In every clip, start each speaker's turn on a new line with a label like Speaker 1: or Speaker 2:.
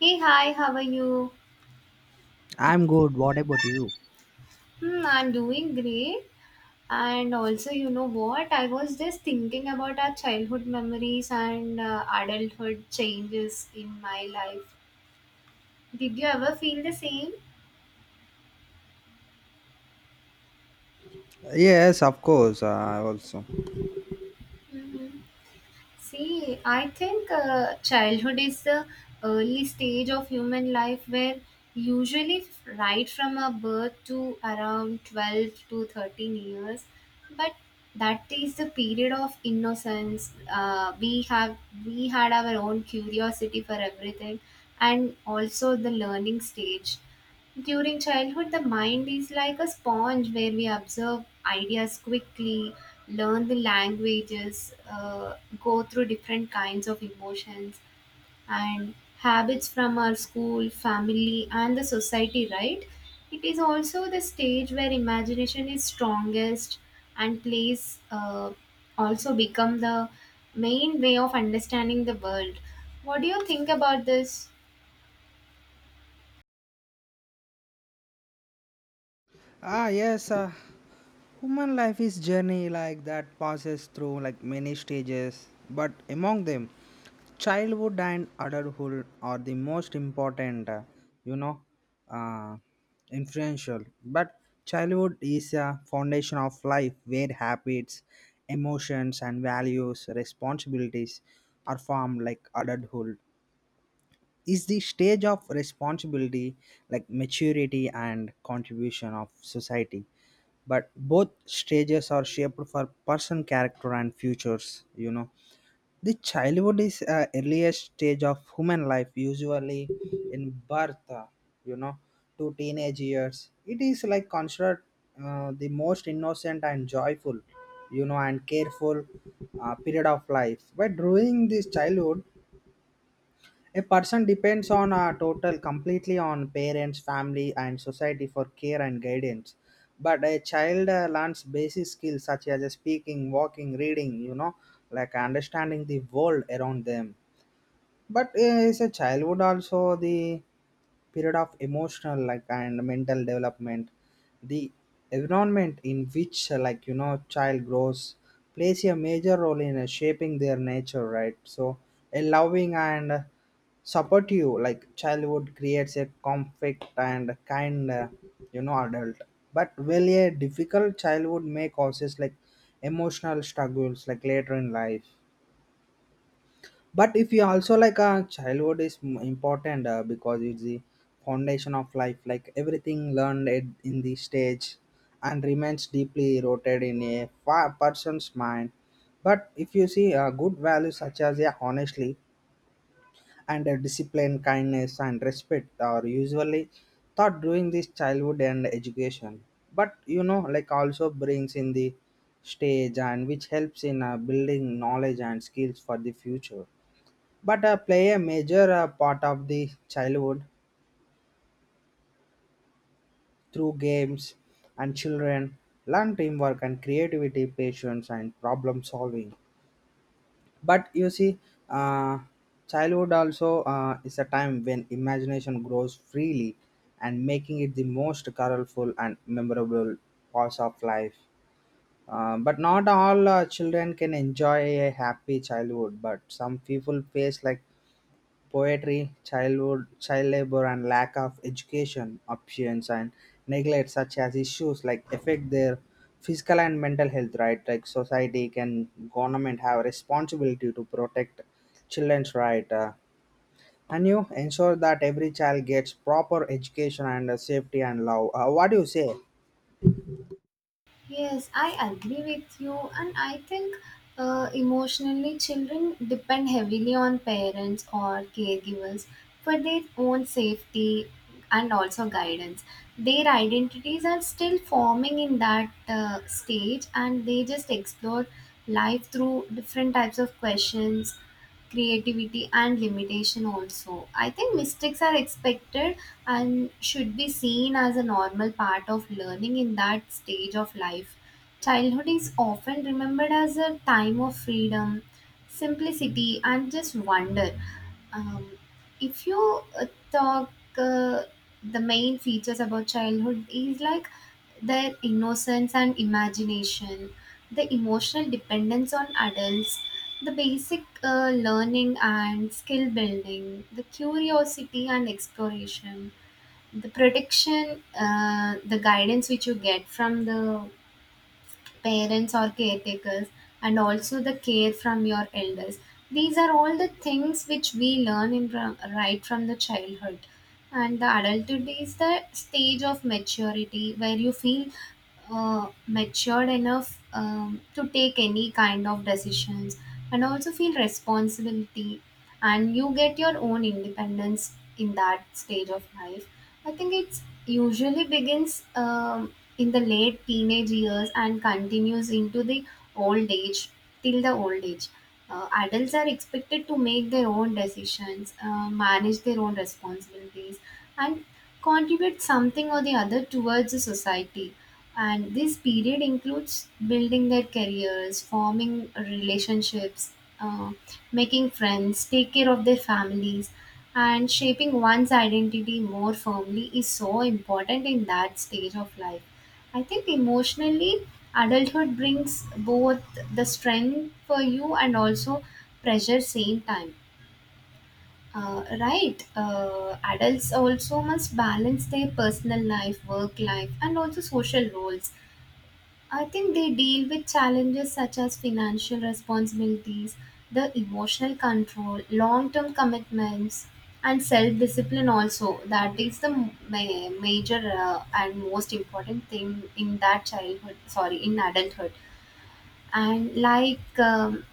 Speaker 1: Hey, hi, how are you?
Speaker 2: I'm good. What about you?
Speaker 1: Hmm, I'm doing great. And also, you know what? I was just thinking about our childhood memories and adulthood changes in my life. Did you ever feel the same?
Speaker 2: Yes, of course, I also.
Speaker 1: Mm-hmm. See, I think childhood is the early stage of human life where usually right from a birth to around 12 to 13 years, but that is the period of innocence. We had our own curiosity for everything and also the learning stage. During childhood, the mind is like a sponge where we absorb ideas quickly, learn the languages, go through different kinds of emotions and habits from our school, family, and the society, right? It is also the stage where imagination is strongest and plays also become the main way of understanding the world. What do you think about this?
Speaker 2: Ah, yes. Human life is journey like that passes through like many stages, but among them, childhood and adulthood are the most important. You know, uh, Influential. But childhood is a foundation of life where habits, emotions, and values, responsibilities are formed like adulthood. Is the stage of responsibility like maturity and contribution of society, but both stages are shaped for person character and futures. The childhood is earliest stage of human life usually in birth, you know, to teenage years. It is like considered the most innocent and joyful, you know, and careful period of life, but during this childhood a person depends on a total completely on parents, family, and society for care and guidance. But a child learns basic skills such as speaking, walking, reading, you know, like understanding the world around them. But is a childhood also the period of emotional like and mental development, the environment in which like you know child grows plays a major role in shaping their nature, right? So a loving and supportive like childhood creates a conflict and kind you know adult, but really a difficult childhood may causes like emotional struggles like later in life. But if you also like childhood is important because it's the foundation of life, like everything learned at, in the stage and remains deeply rooted in a person's mind. But if you see good values such as, yeah, honestly and discipline, kindness and respect are usually taught during this childhood and education. But you know like also brings in the stage and which helps in building knowledge and skills for the future, but play a major part of the childhood through games, and children learn teamwork and creativity, patience and problem solving. But you see, uh, childhood also is a time when imagination grows freely and making it the most colorful and memorable parts of life. But not all children can enjoy a happy childhood, but some people face like poverty, childhood, child labor, and lack of education options and neglect such as issues like affect their physical and mental health. Right, like society can government have responsibility to protect children's right. And you ensure that every child gets proper education and safety and love. What do you say?
Speaker 1: Yes, I agree with you, and I think emotionally, children depend heavily on parents or caregivers for their own safety and also guidance. Their identities are still forming in that stage, and they just explore life through different types of questions, creativity, and limitation also. I think mistakes are expected and should be seen as a normal part of learning in that stage of life. Childhood is often remembered as a time of freedom, simplicity, and just wonder. Um, if you talk uh, the main features about childhood is like their innocence and imagination, the emotional dependence on adults, the basic learning and skill building, the curiosity and exploration, the protection, the guidance which you get from the parents or caretakers, and also the care from your elders. These are all the things which we learn in from, right from the childhood. And the adulthood is the stage of maturity where you feel matured enough to take any kind of decisions and also feel responsibility, and you get your own independence in that stage of life. I think it's usually begins in the late teenage years and continues into the old age, till the old age. Adults are expected to make their own decisions, manage their own responsibilities and contribute something or the other towards the society, and this period includes building their careers, forming relationships, uh, making friends, take care of their families, and shaping one's identity more firmly is so important in that stage of life. I think emotionally, adulthood brings both the strength for you and also pressure same time. Right, adults also must balance their personal life, work life, and also social roles. I think they deal with challenges such as financial responsibilities, the emotional control, long term commitments, and self discipline, also. That is the major and most important thing in that childhood, sorry, in adulthood. And like,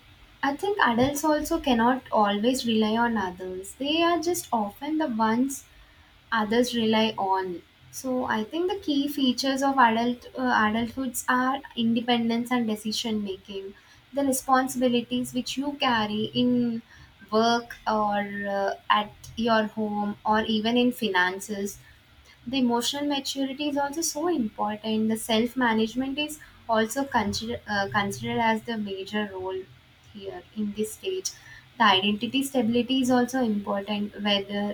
Speaker 1: I think adults also cannot always rely on others, they are just often the ones others rely on. So I think the key features of adulthoods are independence and decision making. The responsibilities which you carry in work or at your home or even in finances, the emotional maturity is also so important. The self management is also considered as the major role here in this stage. The identity stability is also important, whether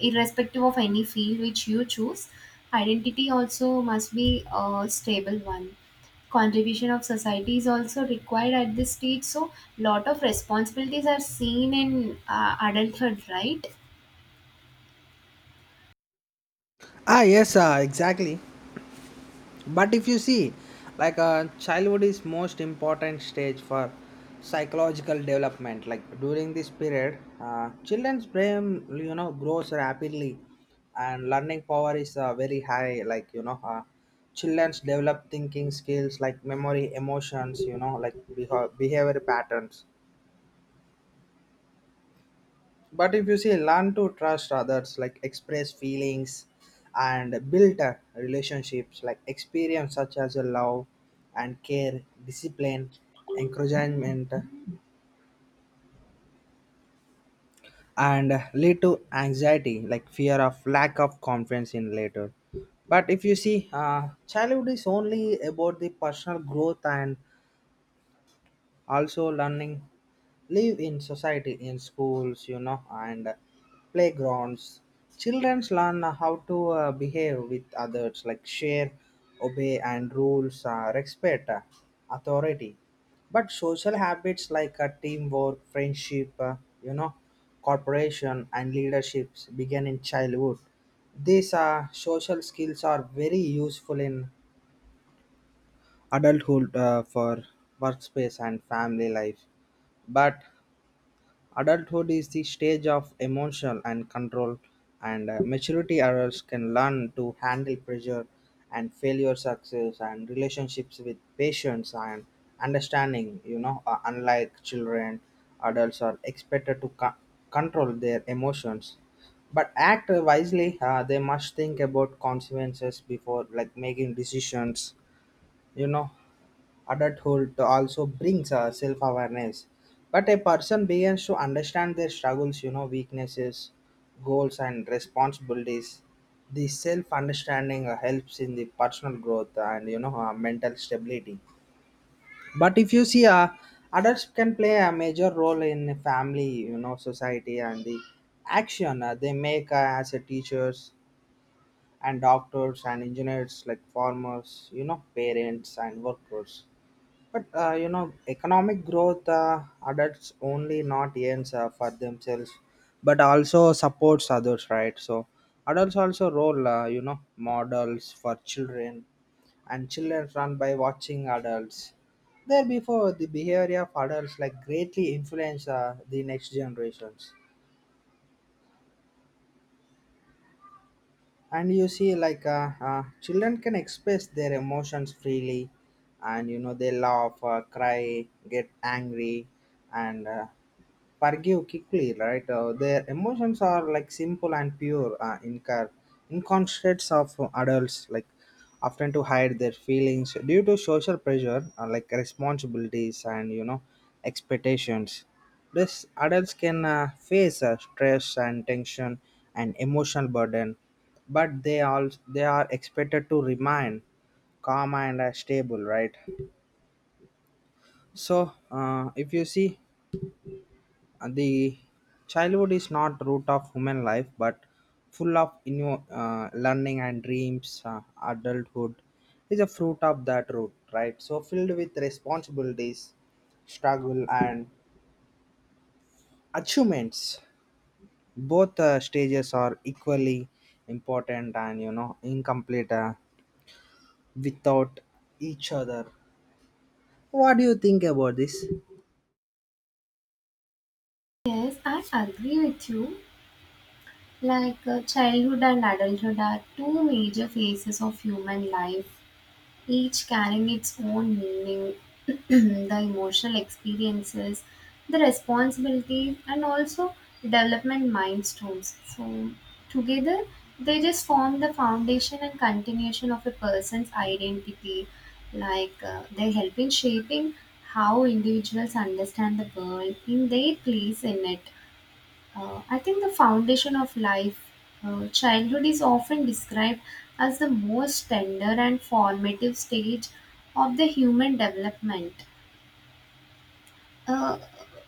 Speaker 1: irrespective of any field which you choose, identity also must be a stable one. Contribution of society is also required at this stage, so lot of responsibilities are seen in adulthood, right?
Speaker 2: Ah, yes, exactly. But if you see like childhood is most important stage for psychological development, like during this period children's brain you know grows rapidly, and learning power is very high, like you know, children's develop thinking skills like memory, emotions, you know, like behavior patterns. But if you see learn to trust others like express feelings and build relationships, like experience such as a love and care, discipline, encouragement, and lead to anxiety like fear of lack of confidence in later. But if you see childhood is only about the personal growth and also learning, live in society in schools, you know, and playgrounds. Children learn how to behave with others like share, obey and rules, respect authority. But social habits like teamwork, friendship, you know, cooperation and leaderships begin in childhood. These social skills are very useful in adulthood for workspace and family life. But adulthood is the stage of emotional and control, and maturity. Adults can learn to handle pressure and failure, success, and relationships with patience and understanding. You know, unlike children, adults are expected to control their emotions, but act wisely. They must think about consequences before, like making decisions you know Adulthood also brings a self-awareness, but a person begins to understand their struggles, weaknesses, goals and responsibilities. The self-understanding helps in the personal growth and mental stability. But if you see adults can play a major role in family, you know, society and the action they make as a teachers and doctors and engineers like farmers, you know, parents and workers. But you know, economic growth, adults only not ends for themselves, but also supports others, right? So adults also role, you know, models for children, and children run by watching adults. Therefore, the behavior of adults like greatly influence the next generations. And you see, like children can express their emotions freely, and you know they laugh, cry, get angry, and forgive quickly, right? Their emotions are like simple and pure, inconscious of adults, like often to hide their feelings due to social pressure, like responsibilities and you know expectations. This adults can face stress and tension and emotional burden, but they are expected to remain calm and stable, right? So, if you see the childhood is not root of human life, but full of new learning and dreams. Adulthood is a fruit of that root, right? So filled with responsibilities, struggle and achievements. Both stages are equally important, and you know, incomplete without each other. What do you think about this?
Speaker 1: Yes, I agree with you. Like childhood and adulthood are two major phases of human life, each carrying its own meaning, the emotional experiences, the responsibilities, and also development milestones. So, together, they just form the foundation and continuation of a person's identity. Like they help in shaping how individuals understand the world in their place in it. I think the foundation of life, childhood is often described as the most tender and formative stage of the human development. Uh,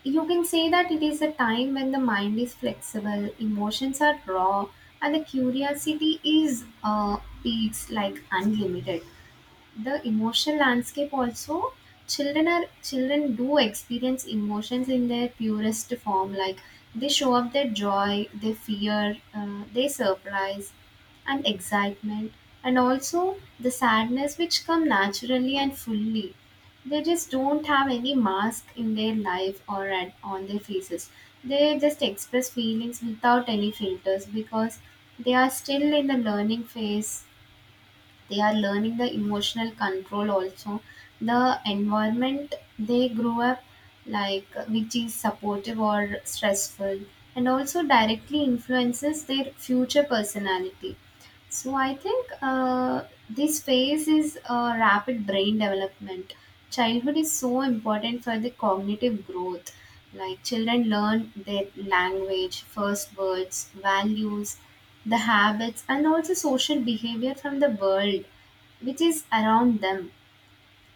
Speaker 1: you can say that it is a time when the mind is flexible, emotions are raw, and the curiosity is like unlimited. The emotional landscape also, children do experience emotions in their purest form. Like, they show up their joy, their fear, their surprise and excitement, and also the sadness, which come naturally and fully. They just don't have any mask in their life or at, on their faces. They just express feelings without any filters because they are still in the learning phase. They are learning the emotional control also. The environment they grew up, like, which is supportive or stressful, and also directly influences their future personality. So I think this phase is rapid brain development. Childhood is so important for the cognitive growth. Like, children learn their language, first words, values, the habits, and also social behavior from the world which is around them.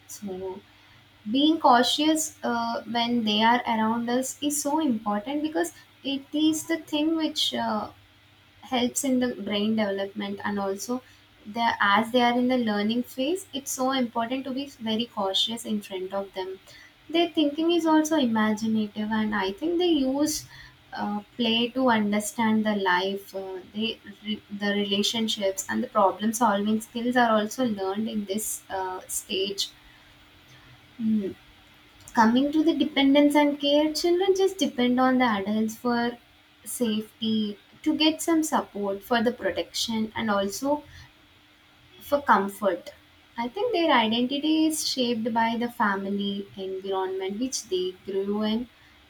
Speaker 1: So being cautious when they are around us is so important because it is the thing which helps in the brain development, and also they, as they are in the learning phase, it's so important to be very cautious in front of them. Their thinking is also imaginative, and I think they use play to understand the life. The relationships and the problem solving skills are also learned in this stage. Hmm. Coming to the dependence and care, children just depend on the adults for safety, to get some support for the protection, and also for comfort. I think their identity is shaped by the family environment which they grew in,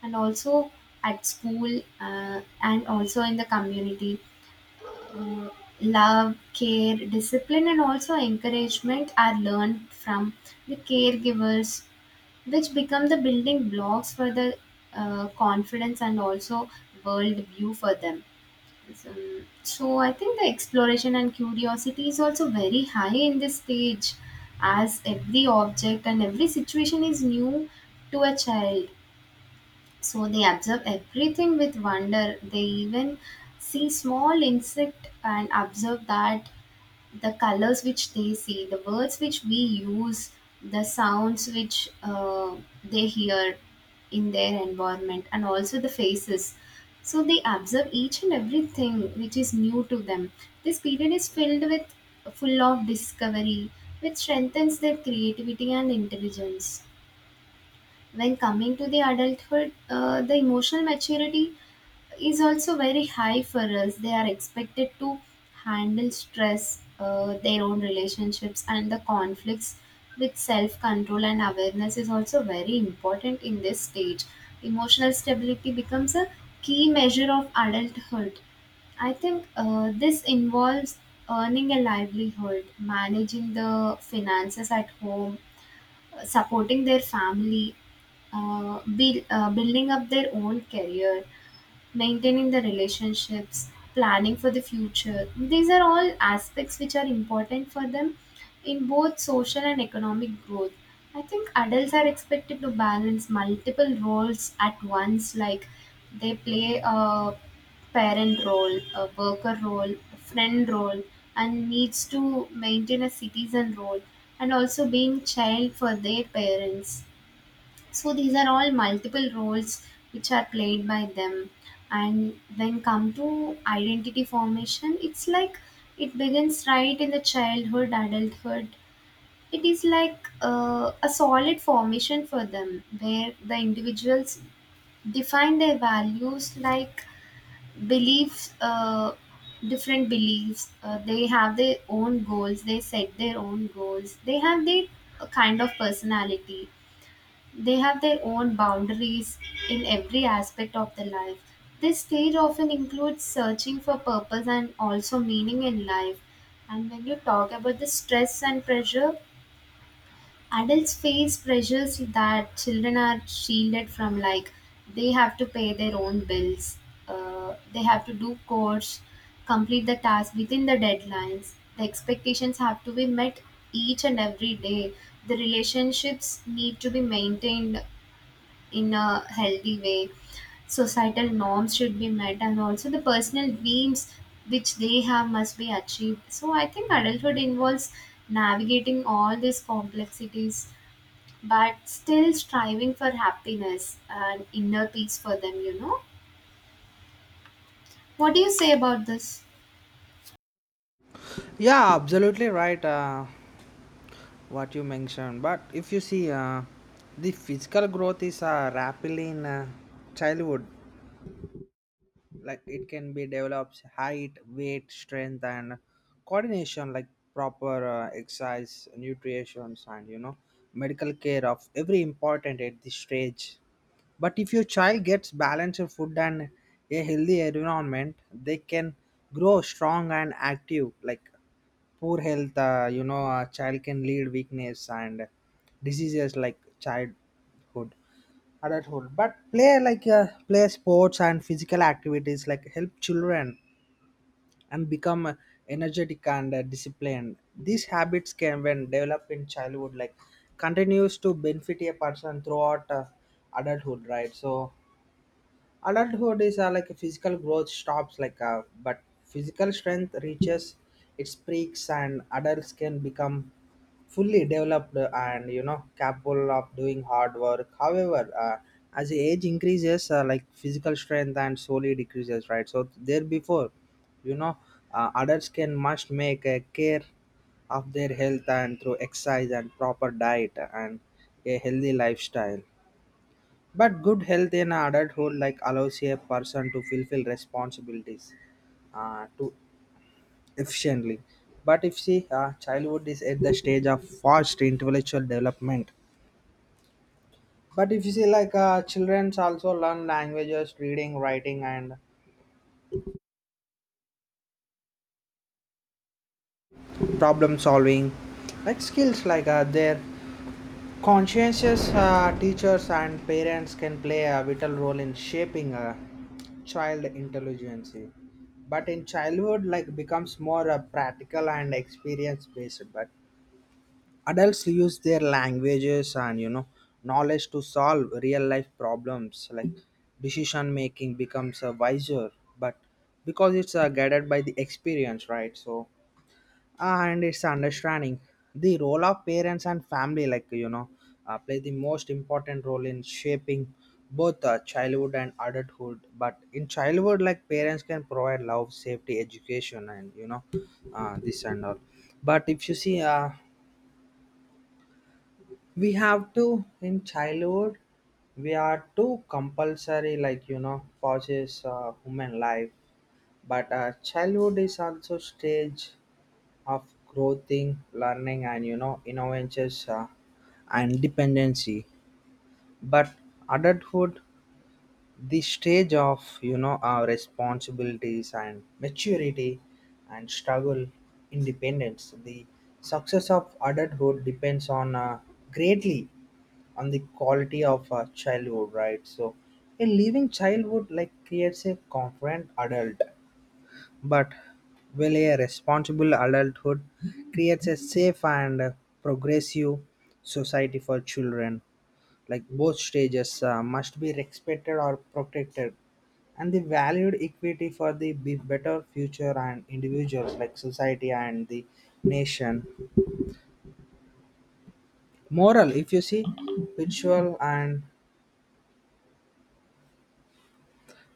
Speaker 1: and also at school, and also in the community. uh, Love, care, discipline, and also encouragement are learned from the caregivers, which become the building blocks for the confidence and also world view for them. So, so I think the exploration and curiosity is also very high in this stage, as every object and every situation is new to a child. So they observe everything with wonder. They even see small insect and observe that the colors which they see, the words which we use, the sounds which they hear in their environment, and also the faces. So they observe each and everything which is new to them. This period is filled with full of discovery, which strengthens their creativity and intelligence. When coming to the adulthood, the emotional maturity is also very high for us. They are expected to handle stress, their own relationships, and the conflicts with self control and awareness is also very important in this stage. Emotional stability becomes a key measure of adulthood. I think this involves earning a livelihood, managing the finances at home, supporting their family, building up their own career, maintaining the relationships, planning for the future. These are all aspects which are important for them in both social and economic growth. I think adults are expected to balance multiple roles at once, like they play a parent role, a worker role, a friend role, and needs to maintain a citizen role, and also being child for their parents. So these are all multiple roles which are played by them. And when come to identity formation, it's like it begins right in the childhood. Adulthood, it is like a solid formation for them, where the individuals define their values, like beliefs, different beliefs, they have their own goals, they set their own goals, they have their kind of personality, they have their own boundaries in every aspect of their life. This stage often includes searching for purpose and also meaning in life. And when you talk about the stress and pressure, adults face pressures that children are shielded from, like they have to pay their own bills, they have to do course, complete the task within the deadlines. The expectations have to be met each and every day. The relationships need to be maintained in a healthy way. Societal norms should be met, and also the personal dreams which they have must be achieved. So, I think adulthood involves navigating all these complexities but still striving for happiness and inner peace for them, you know. What do you say about this?
Speaker 2: Yeah, absolutely right. What you mentioned. But if you see the physical growth is rapidly in childhood, like it can be develops height, weight, strength and coordination, like proper exercise, nutrition and you know medical care of every important at this stage. But if your child gets balanced food and a healthy environment, they can grow strong and active. Like poor health, you know, a child can lead weakness and diseases like childhood adulthood. But play like play sports and physical activities like help children and become energetic and disciplined. These habits can when developed in childhood like continues to benefit a person throughout adulthood, right? So adulthood is like a physical growth stops like, but physical strength reaches its peaks, and adults can become fully developed and you know capable of doing hard work. However, as the age increases, like physical strength and slowly decreases, right? So there before, you know, adults can must make a care of their health and through exercise and proper diet and a healthy lifestyle. But good health in adulthood like allows a person to fulfill responsibilities to efficiently. But if see childhood is at the stage of fast intellectual development. But if you see like children also learn languages, reading, writing and problem solving like skills like their conscientious teachers and parents can play a vital role in shaping a child intelligence. But in childhood like becomes more practical and experience based, but adults use their languages and you know knowledge to solve real life problems, like decision making becomes wiser, but because it's guided by the experience, right? So, and it's understanding the role of parents and family, like you know, play the most important role in shaping both childhood and adulthood. But in childhood like parents can provide love, safety, education and you know, this and all. But if you see we have to in childhood we are too compulsory like you know pauses human life. But childhood is also stage of growing, learning, and you know innovations, and dependency. But adulthood, the stage of you know our responsibilities and maturity, and struggle, independence. The success of adulthood depends on greatly on the quality of childhood, right? So a living childhood like creates a confident adult, but will a responsible adulthood creates a safe and progressive society for children? Like both stages must be respected or protected, and the valued equity for the better future and individuals, like society and the nation. Moral, if you see, ritual and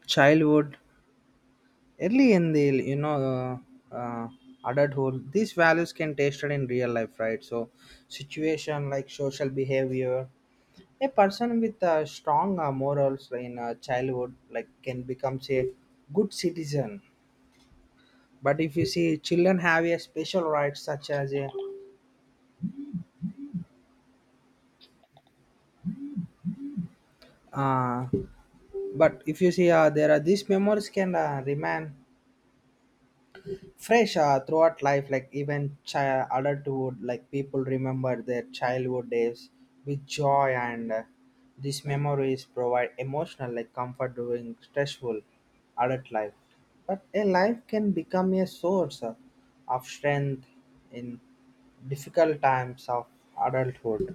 Speaker 2: childhood early in the you know uh, uh, adulthood, these values can tested in real life, right? So situation like social behavior. A person with strong morals in childhood like can become a good citizen. But if you see children have a special rights such as a uh, but if you see there are these memories can remain fresh throughout life, like even child adulthood like people remember their childhood days with joy and these memories provide emotional like comfort during stressful adult life. But a life can become a source of strength in difficult times of adulthood.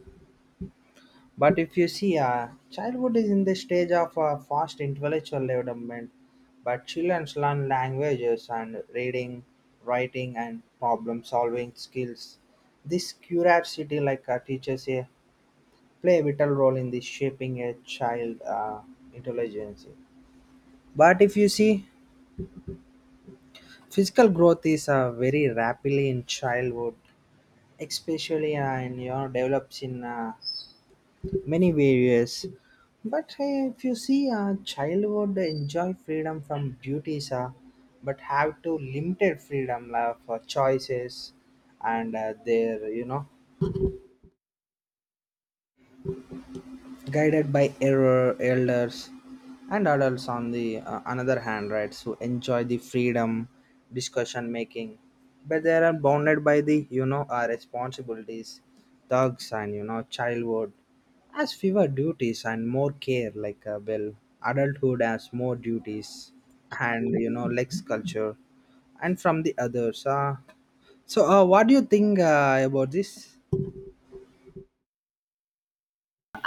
Speaker 2: But if you see, childhood is in the stage of fast intellectual development, but children learn languages and reading, writing, and problem solving skills. This curiosity, like teachers, play a vital role in the shaping a child intelligence. But if you see, physical growth is very rapidly in childhood, especially in you know, develops in many various. But hey, if you see a child would enjoy freedom from duties, but have to limited freedom for choices and their you know guided by error elders, and adults on the another hand, right? So enjoy the freedom, discussion making, but they are bounded by the you know our responsibilities, thugs and you know childhood as fewer duties and more care like, well, adulthood has more duties and you know lex culture and from the others. So, what do you think about this?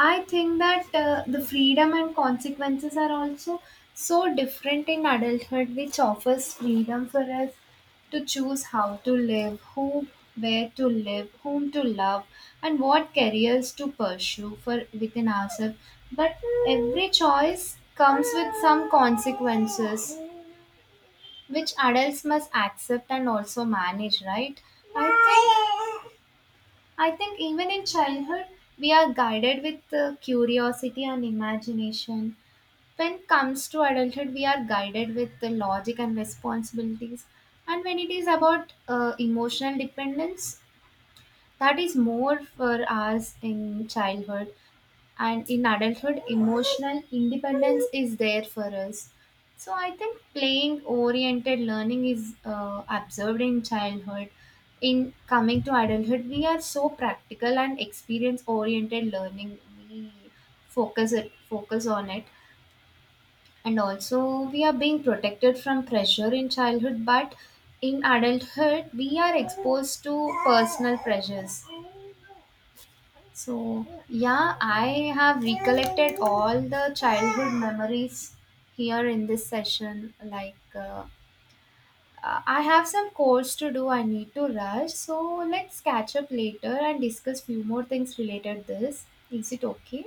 Speaker 1: I think that the freedom and consequences are also so different in adulthood, which offers freedom for us to choose how to live, who, where to live, whom to love, and what careers to pursue for within ourselves. But every choice comes with some consequences, which adults must accept and also manage, right? I think I think even in childhood, we are guided with curiosity and imagination. When it comes to adulthood, we are guided with the logic and responsibilities. And when it is about emotional dependence, that is more for us in childhood, and in adulthood emotional independence is there for us. So I think playing oriented learning is observed in childhood. In coming to adulthood, we are so practical and experience oriented learning. We focus it focus on it. And also, we are being protected from pressure in childhood, but in adulthood we are exposed to personal pressures. So, yeah, I have recollected all the childhood memories here in this session. Like, I have some calls to do, I need to rush. So, let's catch up later and discuss few more things related this. Is it okay?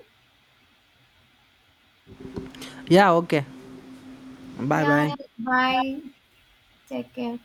Speaker 2: Yeah, okay. Bye
Speaker 1: Yeah,
Speaker 2: bye.
Speaker 1: bye. Take care.